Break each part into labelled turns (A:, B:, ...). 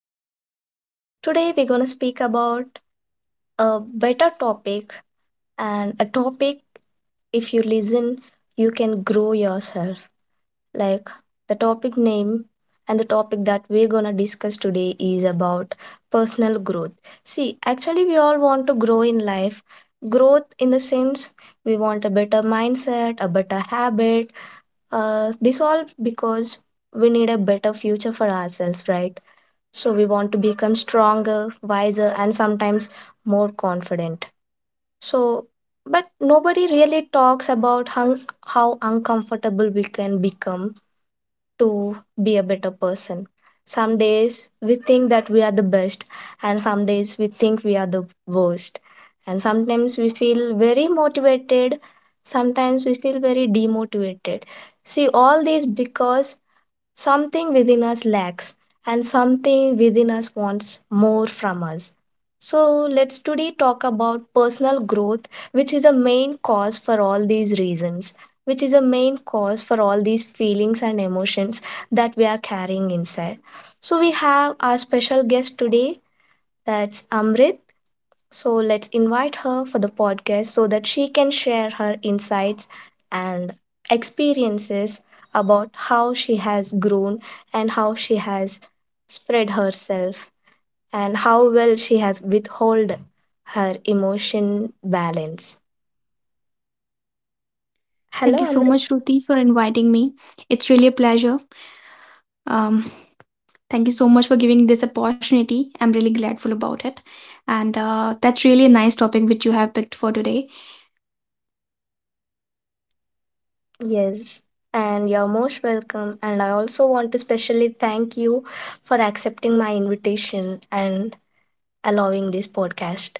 A: afternoon. Today we're going to speak about a better topic and a topic if you listen you can grow yourself. Like the topic name and the topic that we're going to discuss today is about personal growth. See, actually we all want to grow in life. Growth in the sense we want a better mindset, a better habit. This all because we need a better future for ourselves, right? So we want to become stronger, wiser, and sometimes more confident. So, but nobody really talks about how uncomfortable we can become to be a better person. Some days we think that we are the best, and some days we think we are the worst. And sometimes we feel very motivated, sometimes we feel very demotivated. See, all these because something within us lacks, and something within us wants more from us. So, let's today talk about personal growth, which is a main cause for all these reasons, which is a main cause for all these feelings and emotions that we are carrying inside. So, we have our special guest today, that's Amrit. So let's invite her for the podcast so that she can share her insights and experiences about how she has grown and how she has spread herself and how well she has withhold her emotion balance.
B: Thank
A: Hello,
B: you so
A: Amrit.
B: much, Shruti, for inviting me. It's really a pleasure. Um, thank you so much for giving this opportunity. I'm really grateful about it. And that's really a nice topic which you have picked for today.
A: Yes, and you're most welcome. And I also want to specially thank you for accepting my invitation and allowing this podcast.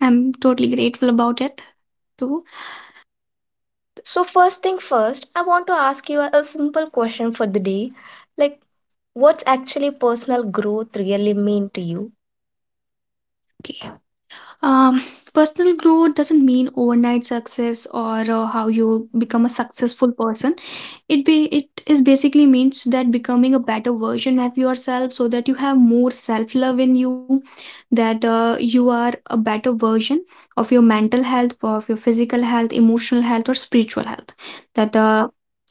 B: I'm totally grateful about it too.
A: So, first thing first, I want to ask you a simple question for the day. Like, what's actually personal growth really mean to you?
B: Okay. Um, personal growth doesn't mean overnight success or how you become a successful person. It be it is basically means that becoming a better version of yourself so that you have more self love in you that you are a better version of your mental health, of your physical health, emotional health, or spiritual health, that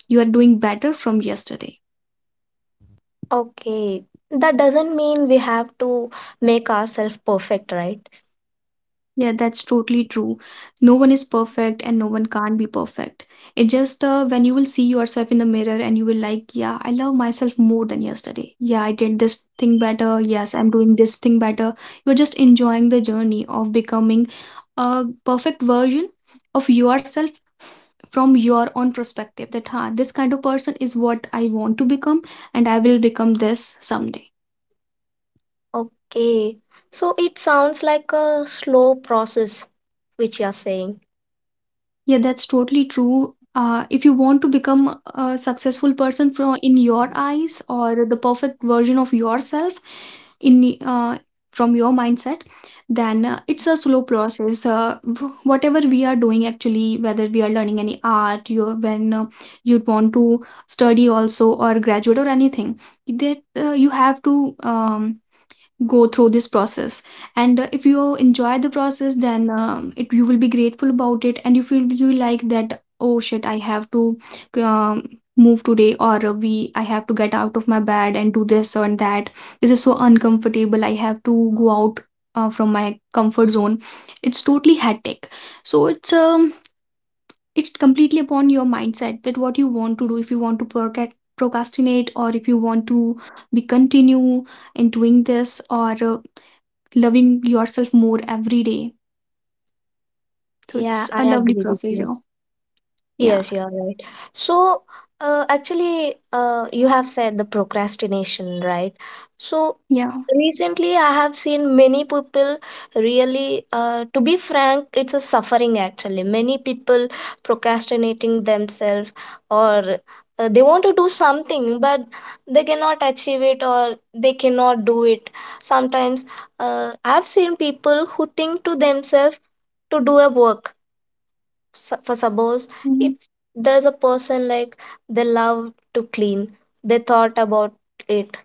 B: you are doing better from yesterday.
A: Okay, that doesn't mean we have to make ourselves perfect, right?
B: Yeah, that's totally true. No one is perfect and no one can not be perfect. It just when you will see yourself in the mirror and you will like, yeah, I love myself more than yesterday. Yeah, I did this thing better. Yes, I'm doing this thing better. You're just enjoying the journey of becoming a perfect version of yourself from your own perspective that huh, this kind of person is what I want to become and I will become this someday.
A: Okay, so it sounds like a slow process, which you're saying.
B: Yeah, that's totally true. If you want to become a successful person from in your eyes or the perfect version of yourself in from your mindset, then it's a slow process. Whatever we are doing actually, whether we are learning any art, you when you want to study also or graduate or anything, that you have to um, go through this process, and if you enjoy the process then it you will be grateful about it and you feel you like that, oh shit, I have to um, move today, or we I have to get out of my bed and do this or that. This is so uncomfortable, I have to go out from my comfort zone. It's totally hectic. So it's completely upon your mindset that what you want to do, if you want to procrastinate, or if you want to be continue in doing this, or loving yourself more every day. So
A: Yeah,
B: it's a
A: I
B: lovely
A: agree with you.
B: procedure. Yeah.
A: Yes, you are right. So, actually, you have said the procrastination, right? So,
B: Yeah.
A: recently I have seen many people really, to be frank, it's a suffering actually. Many people procrastinating themselves, or they want to do something, but they cannot achieve it or they cannot do it. Sometimes, I've seen people who think to themselves, to do a work for suppose
B: Mhm.
A: if there's a person like they love to clean, they thought about it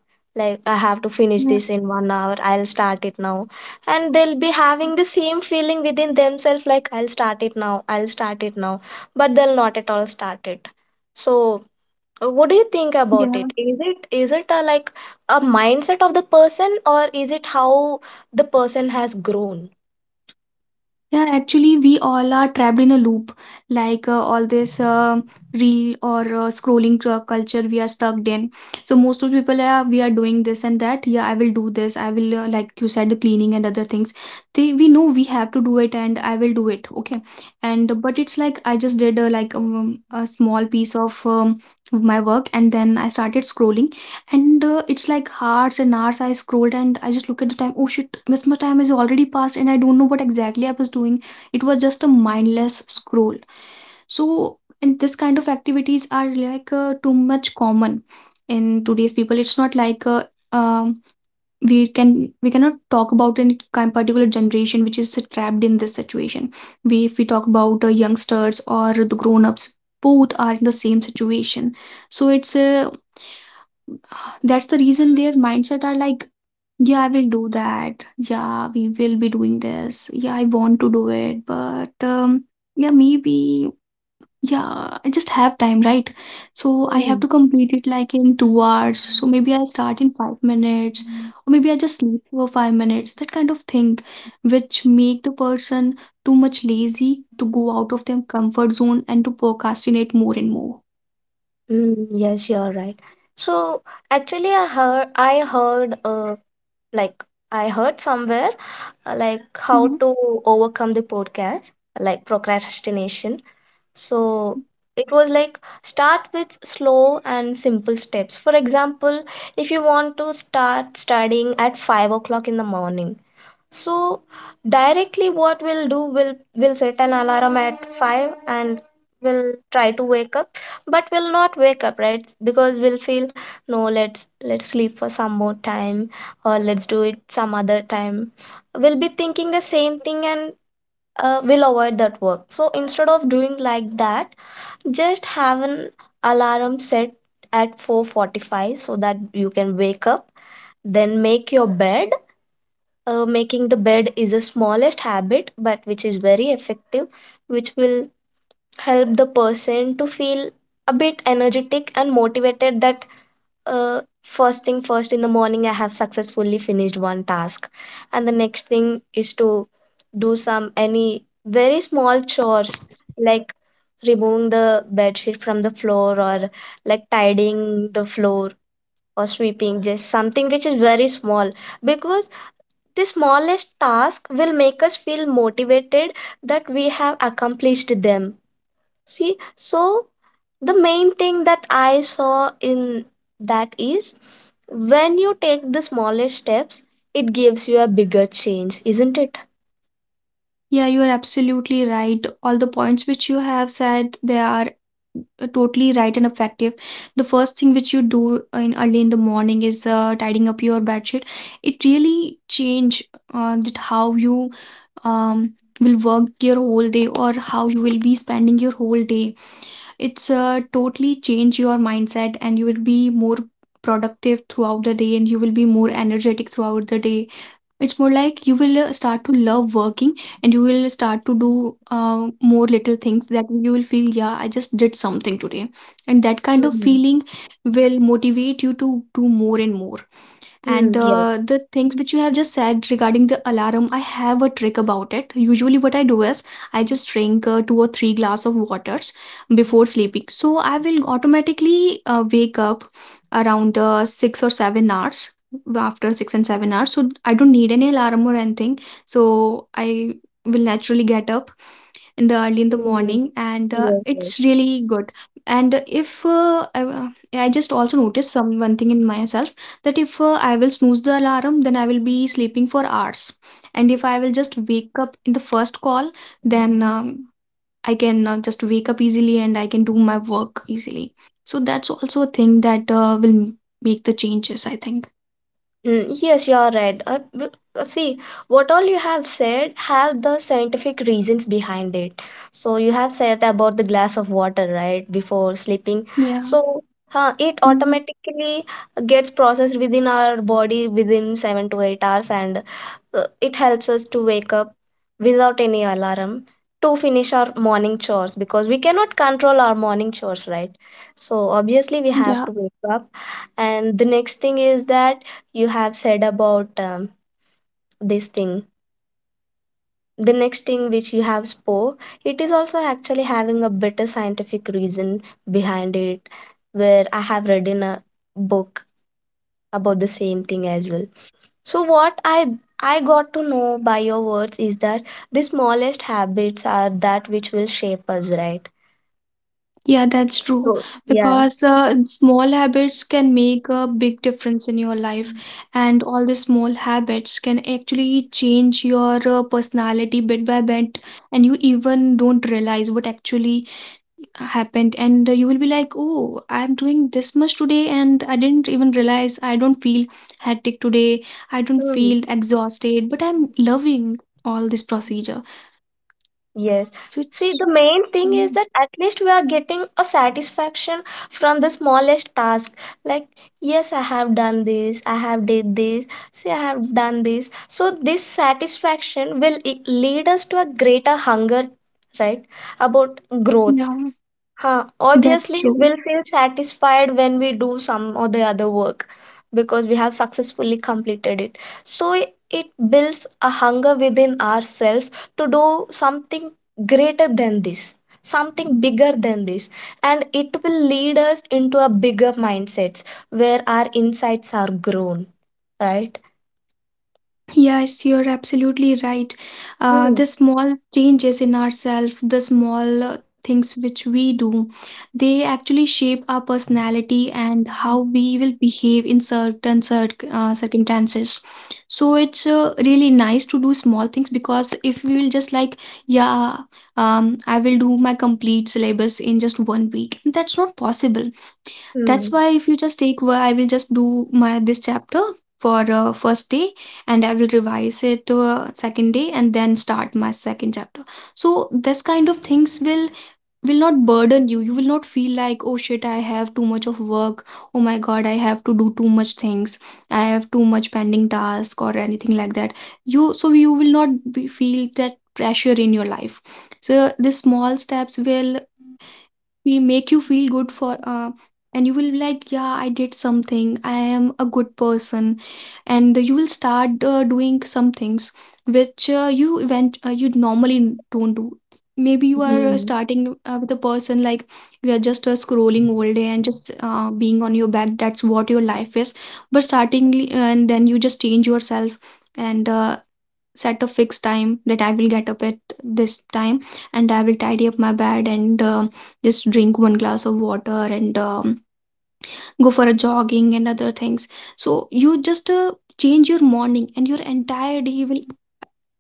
A: like, I have to finish
B: Yeah.
A: this in 1 hour, I'll start it now. And they'll be having the same feeling within themselves like, I'll start it now, I'll start it now, but they'll not at all start it. So what do you think about
B: Yeah.
A: it? Is it a like a mindset of the person or is it how the person has grown?
B: Yeah, actually, we all are trapped in a loop. Like all this reel or scrolling culture we are stuck in. So most of the people are, we are doing this and that. Yeah, I will do this. I will like you said, the cleaning and other things. They we know we have to do it, and I will do it. Okay. And but it's like I just did a small piece of my work, and then I started scrolling. And, it's like hours and hours I scrolled, and I just look at the time, "Oh shit, this much time is already passed and I don't know what exactly I was doing." It was just a mindless scroll. So, and this kind of activities are like, too much common in today's people. It's not like, um, we can we cannot talk about any kind particular generation which is trapped in this situation. We if we talk about, youngsters or the grown-ups, both are in the same situation. So it's a That's the reason their mindset are like, yeah, I will do that. Yeah, we will be doing this. Yeah, I want to do it. But yeah, maybe, yeah, I just have time, right? So I have
A: Hmm.
B: to complete it like in 2 hours. So maybe I'll start in 5 minutes, or maybe I just sleep for 5 minutes, that kind of thing, which make the person too much lazy to go out of their comfort zone and to procrastinate more and more.
A: Mm, yes, you're right. So actually, like I heard somewhere like how
B: Mm-hmm.
A: to overcome the podcast, like procrastination. So it was like, start with slow and simple steps. For example, if you want to start studying at 5 o'clock in the morning, so directly what we'll do will, we'll set an alarm at 5 and we'll try to wake up, but we'll not wake up, right? Because we'll feel, no, let's let's sleep for some more time, or let's do it some other time. We'll be thinking the same thing, and we'll avoid that work. So instead of doing like that, just have an alarm set at 4:45 so that you can wake up, then make your bed. Making the bed is the smallest habit, but which is very effective, which will help the person to feel a bit energetic and motivated that, first thing first in the morning, I have successfully finished one task. And the next thing is to do some any very small chores, like removing the bed sheet from the floor, or like tidying the floor, or sweeping, just something which is very small, because the smallest task will make us feel motivated that we have accomplished them. See, so the main thing that I saw in that is, when you take the smallest steps, it gives you a bigger change, isn't it?
B: Yeah, you are absolutely right. All the points which you have said, they are totally right and effective. The first thing which you do in early in the morning is tidying up your bed sheet. It really change that how you um will work your whole day or how you will be spending your whole day. It's totally change your mindset, and you will be more productive throughout the day, and you will be more energetic throughout the day. It's more like you will start to love working, and you will start to do more little things that you will feel, yeah, I just did something today. And that kind of
A: Mm-hmm.
B: feeling will motivate you to do more and more. And
A: Mm, yes.
B: the things which you have just said regarding the alarm, I have a trick about it. Usually, what I do is I just drink two or three glass of waters before sleeping. So I will automatically wake up around 6 or 7 hours, after 6 and 7 hours. So I don't need any alarm or anything. So I will naturally get up in the early in the
A: Mm,
B: morning, and
A: yes. Yes.
B: it's really good. And if I just also noticed some one thing in myself, that if I will snooze the alarm, then I will be sleeping for hours, and if I will just wake up in the first call, then I can just wake up easily and I can do my work easily. So that's also a thing that make the changes, I think.
A: Mm, yes, you are right. See, what all you have said have the scientific reasons behind it. So you have said about the glass of water, right, before sleeping.
B: Yeah.
A: So it
B: Hmm.
A: automatically gets processed within our body within 7 to 8 hours, and it helps us to wake up without any alarm to finish our morning chores, because we cannot control our morning chores, right? So obviously we have
B: Yeah.
A: to wake up, and the next thing is that you have said about this thing, the next thing which you have spoke, it is also actually having a better scientific reason behind it, where I have read in a book about the same thing as well. So what I got to know by your words is that the smallest habits are that which will shape us, right?
B: Yeah, that's true.
A: So, yeah.
B: Because small habits can make a big difference in your life, and all the small habits can actually change your personality bit by bit, and you even don't realize what actually happened. And you will be like, "Oh, I'm doing this much today, and I didn't even realize. I don't feel hectic today. I don't feel exhausted, but I'm loving all this procedure."
A: Yes.
B: So
A: See, the main thing is
B: mm,
A: that at least we are getting a satisfaction from the smallest task. Like, yes, I have done this, I have did this, see, I have done this. So this satisfaction will lead us to a greater hunger, right? About growth.
B: yeah,
A: Huh,
B: that's
A: obviously,
B: true.
A: we'll feel satisfied when we do some or the other work because we have successfully completed it. So i- it builds a hunger within ourselves to do something greater than this, something bigger than this. And it will lead us into a bigger mindsets where our insights are grown, right?
B: Yes, you're absolutely right.
A: Hmm.
B: The small changes in ourselves, the small things which we do, they actually shape our personality and how we will behave in certain circumstances. So it's really nice to do small things, because if we will just like, yeah, I will do my complete syllabus in just 1 week, that's not possible. That's
A: Hmm.
B: why if you just take where I will just do my this chapter for first day, and I will revise it to second day, and then start my second chapter. So this kind of things will not burden you. You will not feel like oh shit, I have too much of work. Oh my god, I have to do too much things. I have too much pending task or anything like that. You so you will not be, feel that pressure in your life. So the small steps will we make you feel good for and you will be like, yeah, I did something, I am a good person, and you will start doing some things which you normally don't do. Maybe you are
A: Hmm.
B: starting with a person like you are just scrolling all day and just being on your back, that's what your life is. But starting, and then you just change yourself, and set a fixed time that I will get up at this time, and I will tidy up my bed, and just drink one glass of water, and go for a jogging and other things. So you just change your morning and your entire day will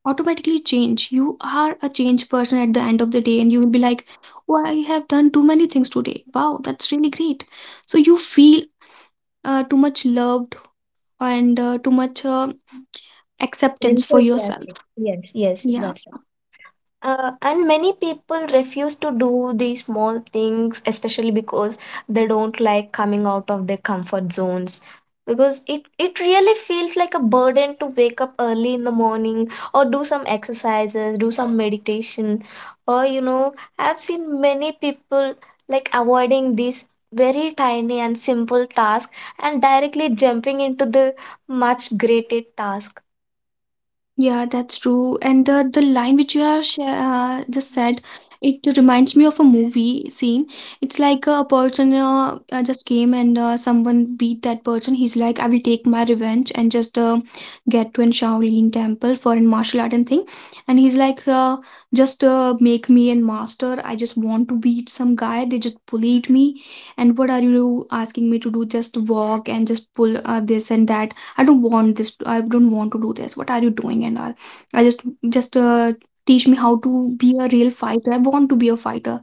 B: automatically change. You are a changed person at the end of the day, and you will be like, oh, I have done too many things today, wow, that's really great. So you feel too much loved, and too much acceptance for yourself.
A: Enthusiastic. Yes, yes,
B: Yeah.
A: that's. And many people refuse to do these small things, especially because they don't like coming out of their comfort zones. Because it really feels like a burden to wake up early in the morning, or do some exercises, do some meditation. Or, you know, I've seen many people like avoiding these very tiny and simple tasks and directly jumping into the much greater task.
B: Yeah, that's true. And the line which you have sh just said, it reminds me of a movie scene. It's like a person just came, and someone beat that person. He's like, I will take my revenge, and just get to an Shaolin temple for a martial art and thing. And he's like, just make me a master. I just want to beat some guy. They just bullied me. And what are you asking me to do? Just walk and just pull this and that. I don't want this, I don't want to do this. What are you doing and all? I just just uh, teach me how to be a real fighter. I want to be a fighter.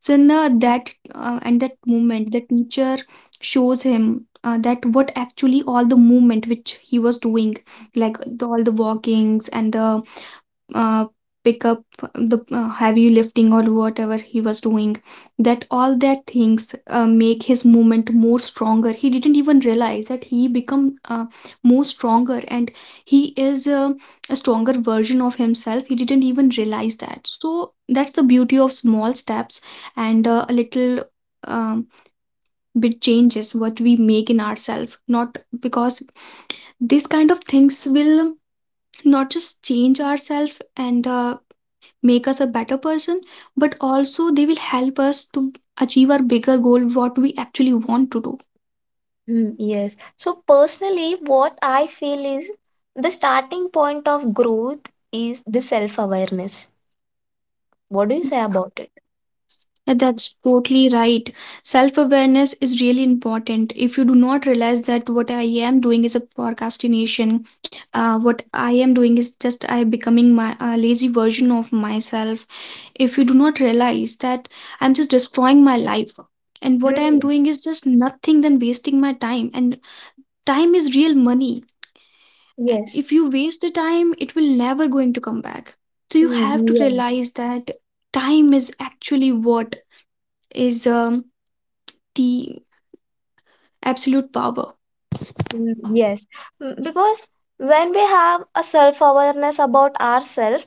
B: So in that moment, the teacher shows him that what actually all the movement which he was doing, like all the walkings and the uh, pick up the heavy lifting or whatever he was doing, that all that things make his movement more stronger. He didn't even realize that he become more stronger, and he is a stronger version of himself. He didn't even realize that. So that's the beauty of small steps, and a little um, bit changes what we make in ourselves. Not because these kind of things will not just change ourselves and make us a better person, but also they will help us to achieve our bigger goal what we actually want to do.
A: Mm, yes. So personally, what I feel is the starting point of growth is the self-awareness. What do you say about it?
B: Yeah, that's totally right. Self awareness is really important. If you do not realize that what I am doing is a procrastination, what I am doing is just I am becoming my a lazy version of myself, if you do not realize that, I'm just destroying my life, and what I am
A: Mm,
B: doing is just nothing than wasting my time. And time is real money.
A: yes.
B: If you waste the time, it will never going to come back. So you
A: Mm,
B: have to
A: yeah.
B: realize that time is actually what is the absolute power.
A: Mm, yes. Mm, because when we have a self-awareness about ourselves,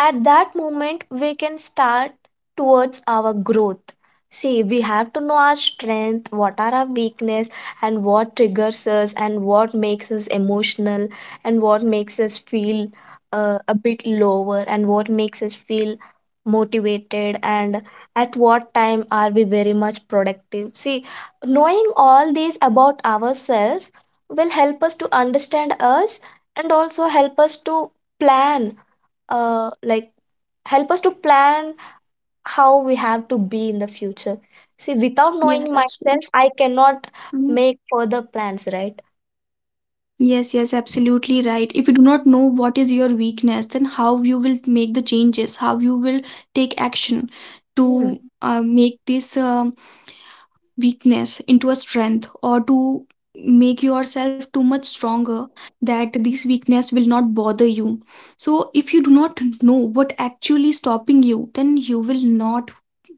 A: at that moment we can start towards our growth. See, we have to know our strength, what are our weakness, and what triggers us, and what makes us emotional, and what makes us feel a bit lower, and what makes us feel motivated, and at what time are we very much productive. See, knowing all these about ourselves will help us to understand us, and also help us to plan, uh, like help us to plan how we have to be in the future. See, without
B: Yeah,
A: knowing
B: that's true.
A: myself, I cannot
B: Mhm.
A: make further plans, right?
B: Yes, yes, absolutely right. If you do not know what is your weakness, then how you will make the changes, how you will take action
A: Hmm.
B: to make this weakness into a strength, or to make yourself too much stronger that this weakness will not bother you. So if you do not know what actually stopping you, then you will not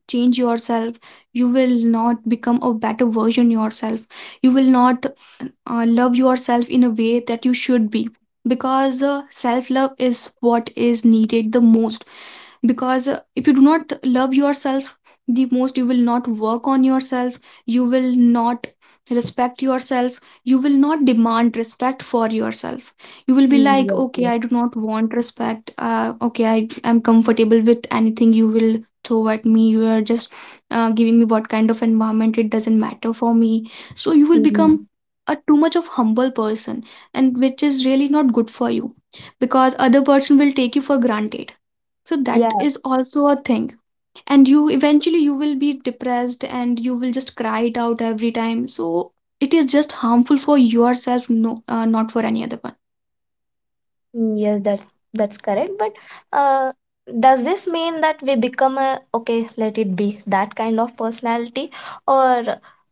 B: change yourself, you will not become a better version yourself, you will not love yourself in a way that you should be. Because self love is what is needed the most. Because if you do not love yourself the most, you will not work on yourself, you will not respect yourself, you will not demand respect for yourself. You will be
A: Mm,
B: like,
A: yes,
B: okay,
A: yes.
B: I do not want respect, okay, I am comfortable with anything you will throw at me. You are just giving me what kind of environment, it doesn't matter for me. So you will become
A: Mhm.
B: a too much of humble person, and which is really not good for you because other person will take you for granted. So that
A: Yeah.
B: is also a thing. And you eventually you will be depressed and you will just cry it out every time. So it is just harmful for yourself, no, not for any other one.
A: Mm, yes, that's correct. But uh, does this mean that we become a, okay, let it be, that kind of personality, or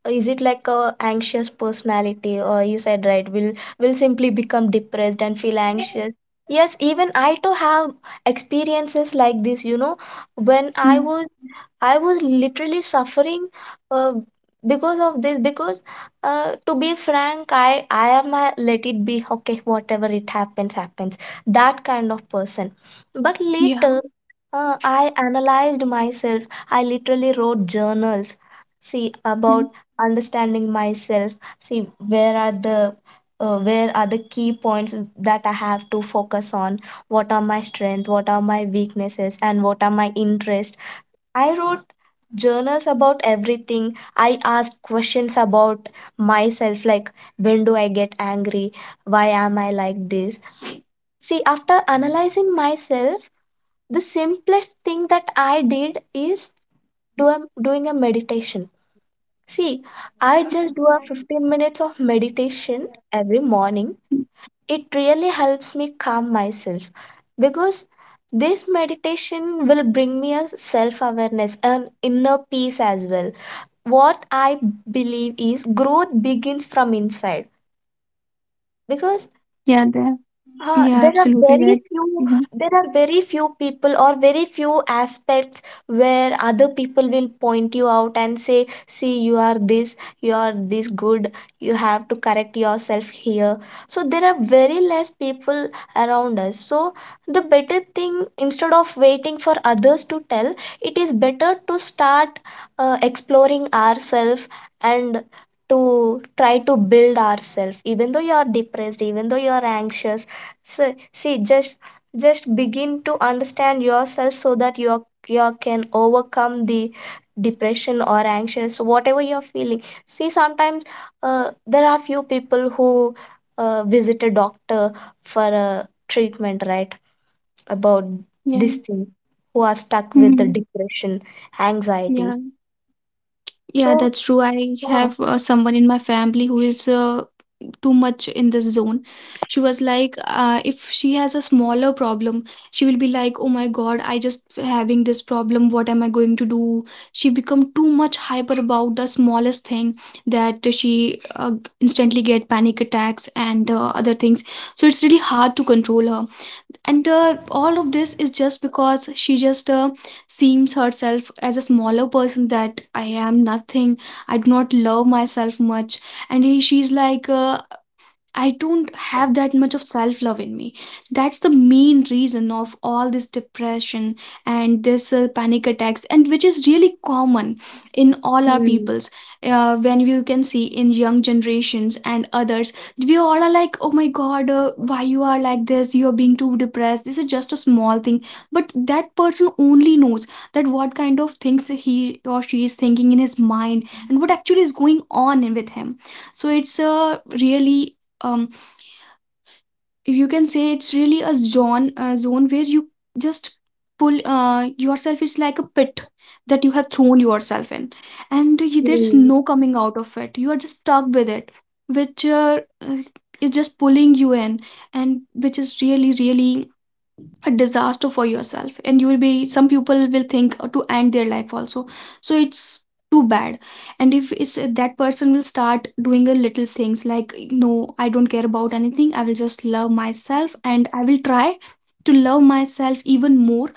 A: is it like a anxious personality? Or you said right, we'll simply become depressed and feel anxious. Yes, even I too have experiences like this. You know, when I
B: Mm,
A: was, I was literally suffering uh, because of this. Because to be frank, I am a let it be okay, whatever it happens happens, that kind of person. But
B: yeah.
A: later, I analyzed myself. I literally wrote journals, see,
B: Mm,
A: about understanding myself, see, where are the key points that I have to focus on? What are my strengths? What are my weaknesses? And what are my interests? I wrote journals about everything. I asked questions about myself, like, when do I get angry? Why am I like this? See, after analyzing myself, the simplest thing that I did is doing a meditation. See, I just do a 15 minutes of meditation every morning. It really helps me calm myself, because this meditation will bring me a self awareness and inner peace as well. What I believe is growth begins from inside, because
B: yeah, there.
A: Uh,
B: Yeah,
A: there are
B: absolutely
A: very
B: right.
A: few
B: Mhm.
A: there are very few people or very few aspects where other people will point you out and say, see, you are this, you are this good, you have to correct yourself here. So there are very less people around us. So the better thing, instead of waiting for others to tell, it is better to start exploring ourselves and to try to build ourselves, even though you are depressed, even though you are anxious. So, see, just begin to understand yourself, so that you can overcome the depression or anxious, whatever you're feeling. See, sometimes there are few people who visit a doctor for a treatment, right? About this
B: Yeah.
A: thing, who are stuck with the
B: Mm,
A: depression,
B: yeah. Yeah,
A: anxiety.
B: yeah,
A: So,
B: that's true. I
A: yeah.
B: have someone in my family who is too much in this zone. She was like, if she has a smaller problem, she will be like, "Oh my god, I just having this problem. What am I going to do?" She become too much hyper about the smallest thing that she instantly get panic attacks and other things. So it's really hard to control her. And all of this is just because she just seems herself as a smaller person, that I am nothing, I do not love myself much. And she's like, I don't have that much of self love in me. That's the main reason of all this depression and this panic attacks, and which is really common in all our
A: Mm,
B: peoples. When you can see in young generations and others, we all are like, "Oh my God, why you are like this? You are being too depressed. This is just a small thing." But that person only knows that what kind of things he or she is thinking in his mind, and what actually is going on in with him. So it's a really um you can say, it's really a zone where you just pull yourself. It's like a pit that you have thrown yourself in, and there's
A: mm,
B: no coming out of it, you are just stuck with it, which is just pulling you in, and which is really really a disaster for yourself. And you will be some people will think to end their life also. So it's too bad. And if it's that person will start doing a little things like, "No, I don't care about anything, I will just love myself, and I will try to love myself even more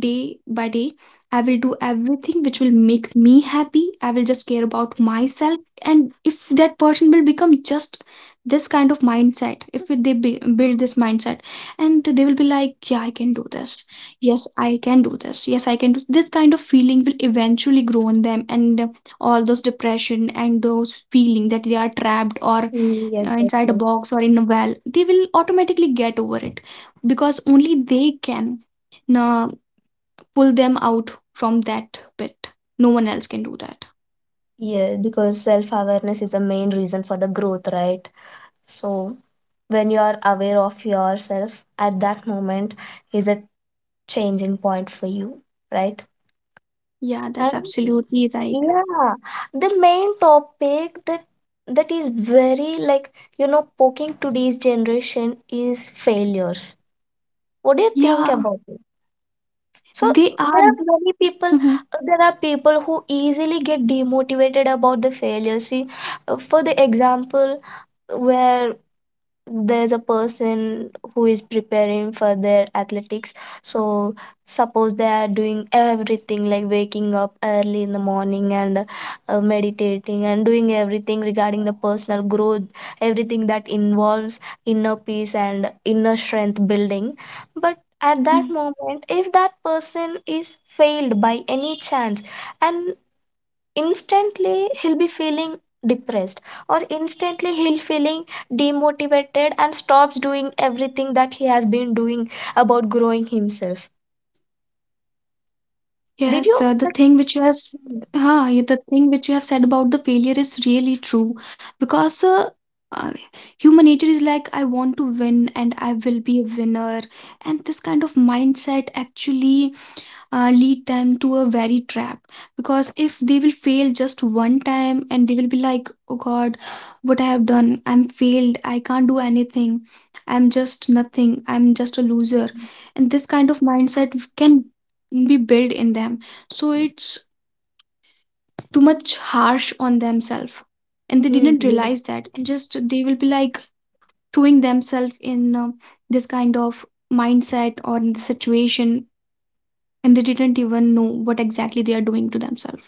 B: day by day. I will do everything which will make me happy. I will just care about myself." And if that person will become just this kind of mindset, if they build this mindset, and they will be like, "Yeah, I can do this, yes I can do this, yes I can do this" kind of feeling will eventually grow in them. And all those depression and those feeling that they are trapped or
A: yes, that's
B: inside a
A: right.
B: box or in a well, they will automatically get over it, because only they can uh, pull them out from that pit. No one else can do that.
A: Yeah, because self-awareness is the main reason for the growth, right? So, when you are aware of yourself at that moment, is a changing point for you, right?
B: Yeah,
A: And
B: that's absolutely right.
A: yeah, the main topic that is very like poking today's generation is failures. What do you think
B: Yeah,
A: about it? So
B: they
A: there are
B: are.
A: many people,
B: Mhm,
A: there are people who easily get demotivated about the failure. See, for the example, where there's a person who is preparing for their athletics, so suppose they are doing everything like waking up early in the morning and meditating and doing everything regarding the personal growth, everything that involves inner peace and inner strength building. But at
B: mm.
A: that moment, if that person is failed by any chance, and instantly he'll be feeling depressed, or instantly he'll feeling demotivated and stops doing everything that he has been doing about growing himself. did
B: Yes,
A: you
B: the
A: like,
B: thing which you have, s- ah, yeah, the thing which you have said about the failure is really true. Because uh, human nature is like, I want to win and I will be a winner, and this kind of mindset actually lead them to a very trap. Because if they will fail just one time, and they will be like, "Oh god, what I have done? I'm failed, I can't do anything, I'm just nothing, I'm just a loser." And this kind of mindset can be built in them. So it's too much harsh on themselves, and they
A: Hmm,
B: didn't
A: hmm,
B: realize that. And just they will be like throwing themselves in this kind of mindset or in the situation, and they didn't even know what exactly they are doing to themselves.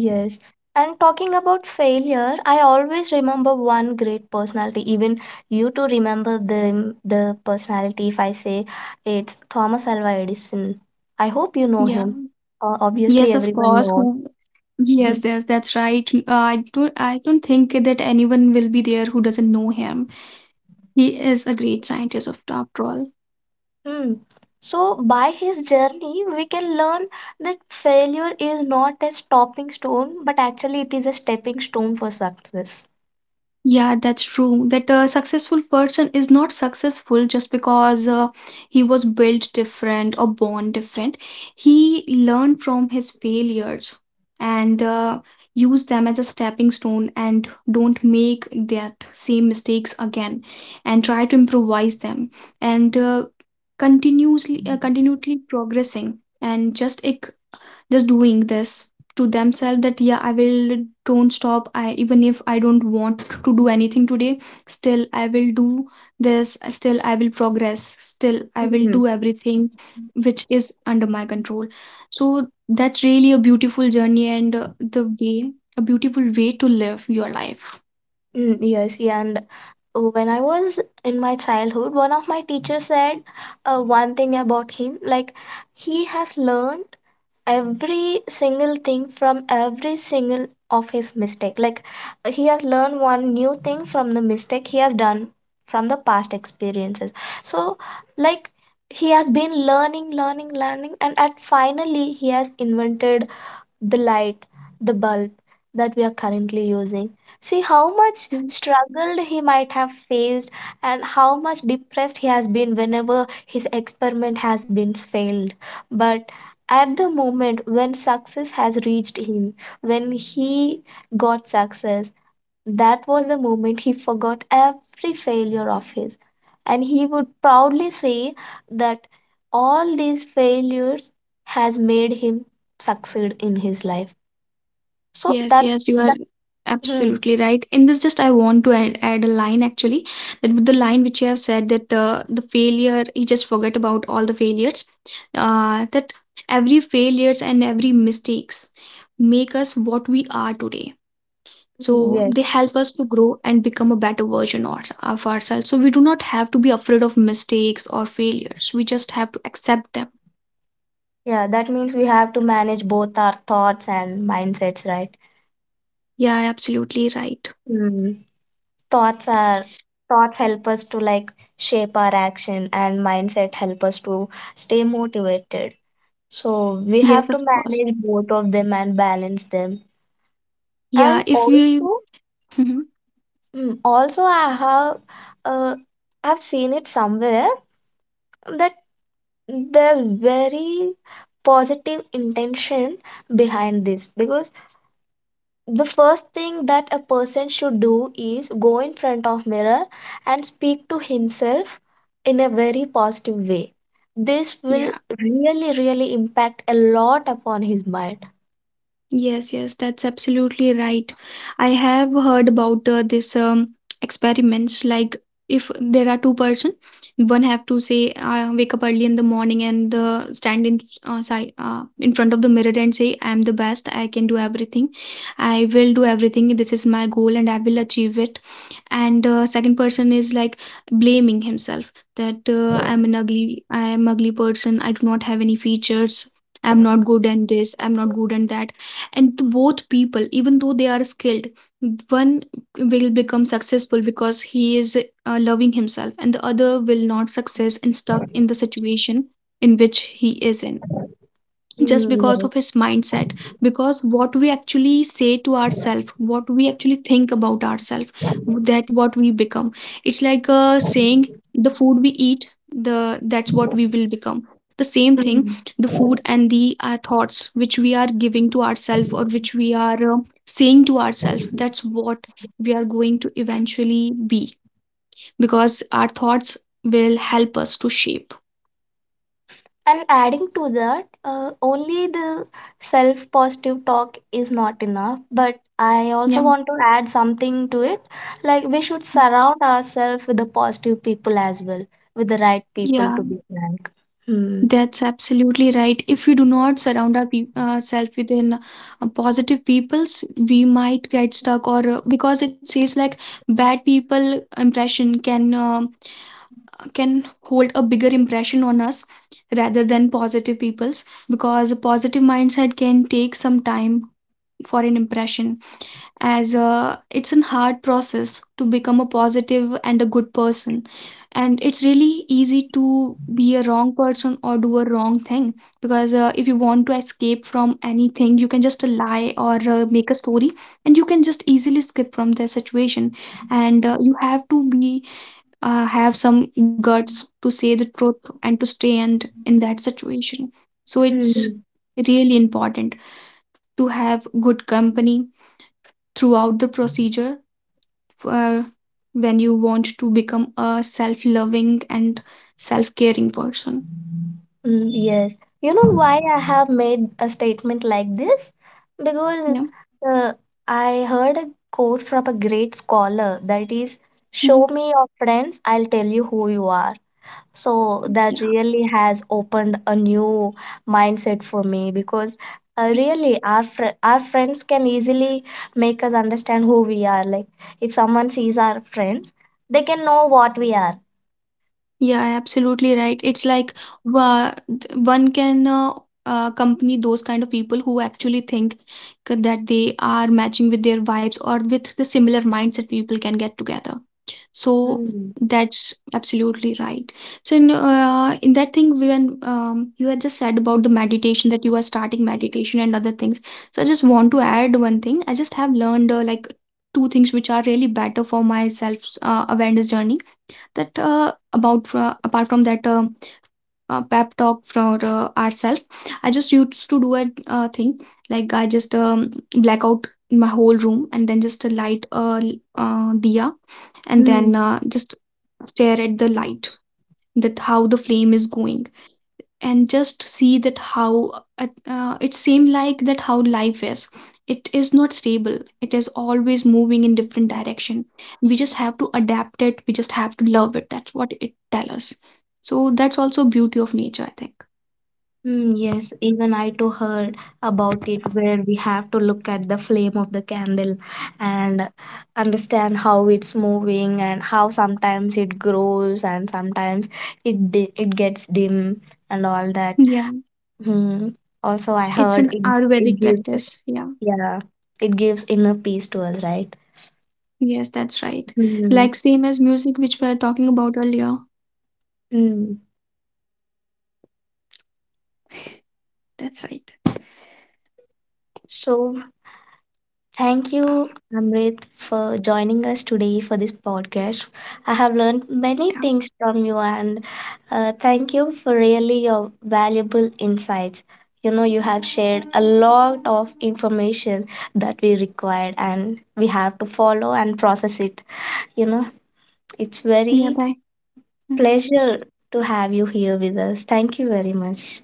A: yes, and talking about failure, I always remember one great personality. Even you two remember the personality if I say, it's Thomas Alva Edison. I hope you know
B: Yeah.
A: him. Obviously
B: Yes, of
A: everyone
B: course.
A: knows.
B: Who? Yes, yes, that's right. I don't. I don't think that anyone will be there who doesn't know him. He is a great scientist, of after all.
A: Hmm. So, by his journey, we can learn that failure is not a stopping stone, but actually, it is a stepping stone for success.
B: Yeah, that's true. That a successful person is not successful just because he was built different or born different. He learned from his failures and use them as a stepping stone, and don't make that same mistakes again, and try to improvise them, and continuously continually progressing, and just doing this to themselves, that yeah, I will don't stop, I even if I don't want to do anything today, still I will do this, still I will progress, still I will
A: Hmm.
B: do everything which is under my control. So that's really a beautiful journey, and the way a beautiful way to live your life.
A: Mm, yes, yeah, and when I was in my childhood, one of my teachers said one thing about him, like he has learned every single thing from every single of his mistake. Like he has learned one new thing from the mistake he has done, from the past experiences. So, like, he has been learning learning, and at finally he has invented the light, the bulb that we are currently using. See how much struggled he might have faced and how much depressed he has been whenever his experiment has been failed. But at the moment when success has reached him, when he got success, that was the moment he forgot every failure of his, and he would proudly say that all these failures has made him succeed in his life. So
B: Yes, yes, you are
A: that hmm,
B: absolutely right. In this, just I want to add a line actually, that with the line which you have said, that the failure, you just forget about all the failures, that every failures and every mistakes make us what we are today. So
A: yes,
B: they help us to grow and become a better version of ourselves. So we do not have to be afraid of mistakes or failures. We just have to accept them.
A: yeah, that means we have to manage both our thoughts and mindsets, right?
B: Yeah, absolutely right.
A: Hmm. Thoughts are thoughts help us to like shape our action, and mindset help us to stay motivated. So we
B: Yes,
A: have to
B: of course.
A: manage both of them and balance them. And
B: Yeah, if we,
A: also,
B: Mhm.
A: also I have uh, I've seen it somewhere that there's very positive intention behind this, because the first thing that a person should do is go in front of mirror and speak to himself in a very positive way. This will
B: Yeah.
A: really, really impact a lot upon his mind.
B: Yes, yes, that's absolutely right. I have heard about this experiments, like if there are two person, one have to say wake up early in the morning and stand in front of the mirror and say, "I am the best. I can do everything. I will do everything. This is my goal and I will achieve it." And second person is like blaming himself, that I am ugly person, I do not have any features, I'm not good at this, I'm not good at that. And to both people, even though they are skilled, one will become successful because he is loving himself, and the other will not success and stuck in the situation in which he is in, just because
A: Mm,
B: of his mindset. Because what we actually say to ourselves, what we actually think about ourselves, that what we become. It's like saying, the food we eat, the that's what we will become, the same
A: yes.
B: thing. The food and the thoughts which we are giving to ourselves, or which we are saying to ourselves, that's what we are going to eventually be. Because our thoughts will help us to shape.
A: And adding to that, only the self positive talk is not enough, but I also
B: Yeah.
A: want to add something to it. Like, we should surround ourselves with the positive people as well, with the right people,
B: Yeah.
A: to be frank. Hmm.
B: That's absolutely right. If we do not surround ourselves within positive peoples, we might get stuck, or because it says like bad people impression can can hold a bigger impression on us rather than positive peoples. Because a positive mindset can take some time for an impression, as it's a hard process to become a positive and a good person. And it's really easy to be a wrong person or do a wrong thing, because if you want to escape from anything you can just lie or make a story, and you can just easily skip from the situation. And you have to be have some guts to say the truth, and to stay and in that situation. So it's
A: Hmm.
B: really important to have good company throughout the procedure, uh, when you want to become a self-loving and self-caring person.
A: Hmm, yes. You know why I have made a statement like this? Because
B: Yeah.
A: uh, I heard a quote from a great scholar, that is,
B: Hmm.
A: show me your friends, I'll tell you who you are. So that
B: Yeah.
A: really has opened a new mindset for me, because really our friends can easily make us understand who we are. Like, if someone sees our friend, they can know what we are.
B: Yeah, absolutely right. It's like one can accompany those kind of people who actually think that they are matching with their vibes, or with the similar mindset people can get together. So
A: Hmm.
B: that's absolutely right. So in that thing, when you had just said about the meditation, that you are starting meditation and other things. So I just want to add one thing. I just have learned like two things which are really better for my self awareness journey. That about apart from that, pep talk for ourselves, I just used to do a thing, like I just black out my whole room and then just light a diya, and
A: Hmm.
B: then just stare at the light, that how the flame is going, and just see that how it seemed like that how life is. It is not stable, it is always moving in different direction. We just have to adapt it, we just have to love it. That's what it tells us. So that's also beauty of nature, I think.
A: Mm, yes, even I too heard about it, where we have to look at the flame of the candle and understand how it's moving, and how sometimes it grows and sometimes it gets dim and all that.
B: Yeah,
A: Hmm. Also, I
B: it's
A: heard
B: an
A: it it
B: Ayurvedic
A: gives,
B: practice. Yeah,
A: yeah, it gives inner peace to us, right?
B: yes, that's right.
A: Hmm.
B: Like same as music, which we were talking about earlier.
A: Hmm.
B: That's right.
A: So thank
B: Um,
A: you, Amrit, for joining us today for this podcast. I have learned many
B: yeah,
A: things from you, and thank you for really your valuable insights. You know, you have shared a lot of information that we required, and we have to follow and process it. You know, it's
B: yeah,
A: very
B: bye. Hmm.
A: pleasure to have you here with us. Thank you very much.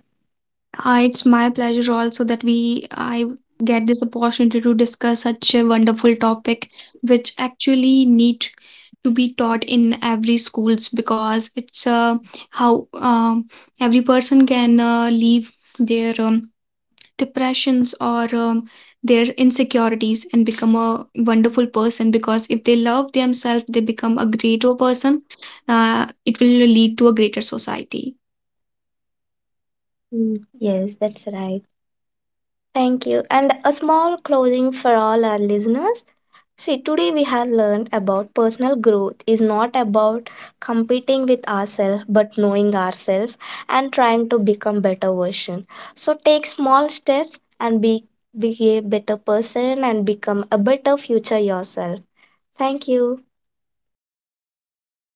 B: It's my pleasure also, that we I get this opportunity to discuss such a wonderful topic, which actually need to be taught in every schools, because it's how every person can leave their depressions or their insecurities and become a wonderful person, because if they love themselves they become a greater person. It will lead to a greater society.
A: Mm. Yes, that's right. Thank you. And a small closing for all our listeners. See, today we have learned about personal growth is not about competing with ourselves, but knowing ourselves and trying to become better version. So take small steps and be a better person and become a better future yourself. Thank you.
B: Yeah, thank you so.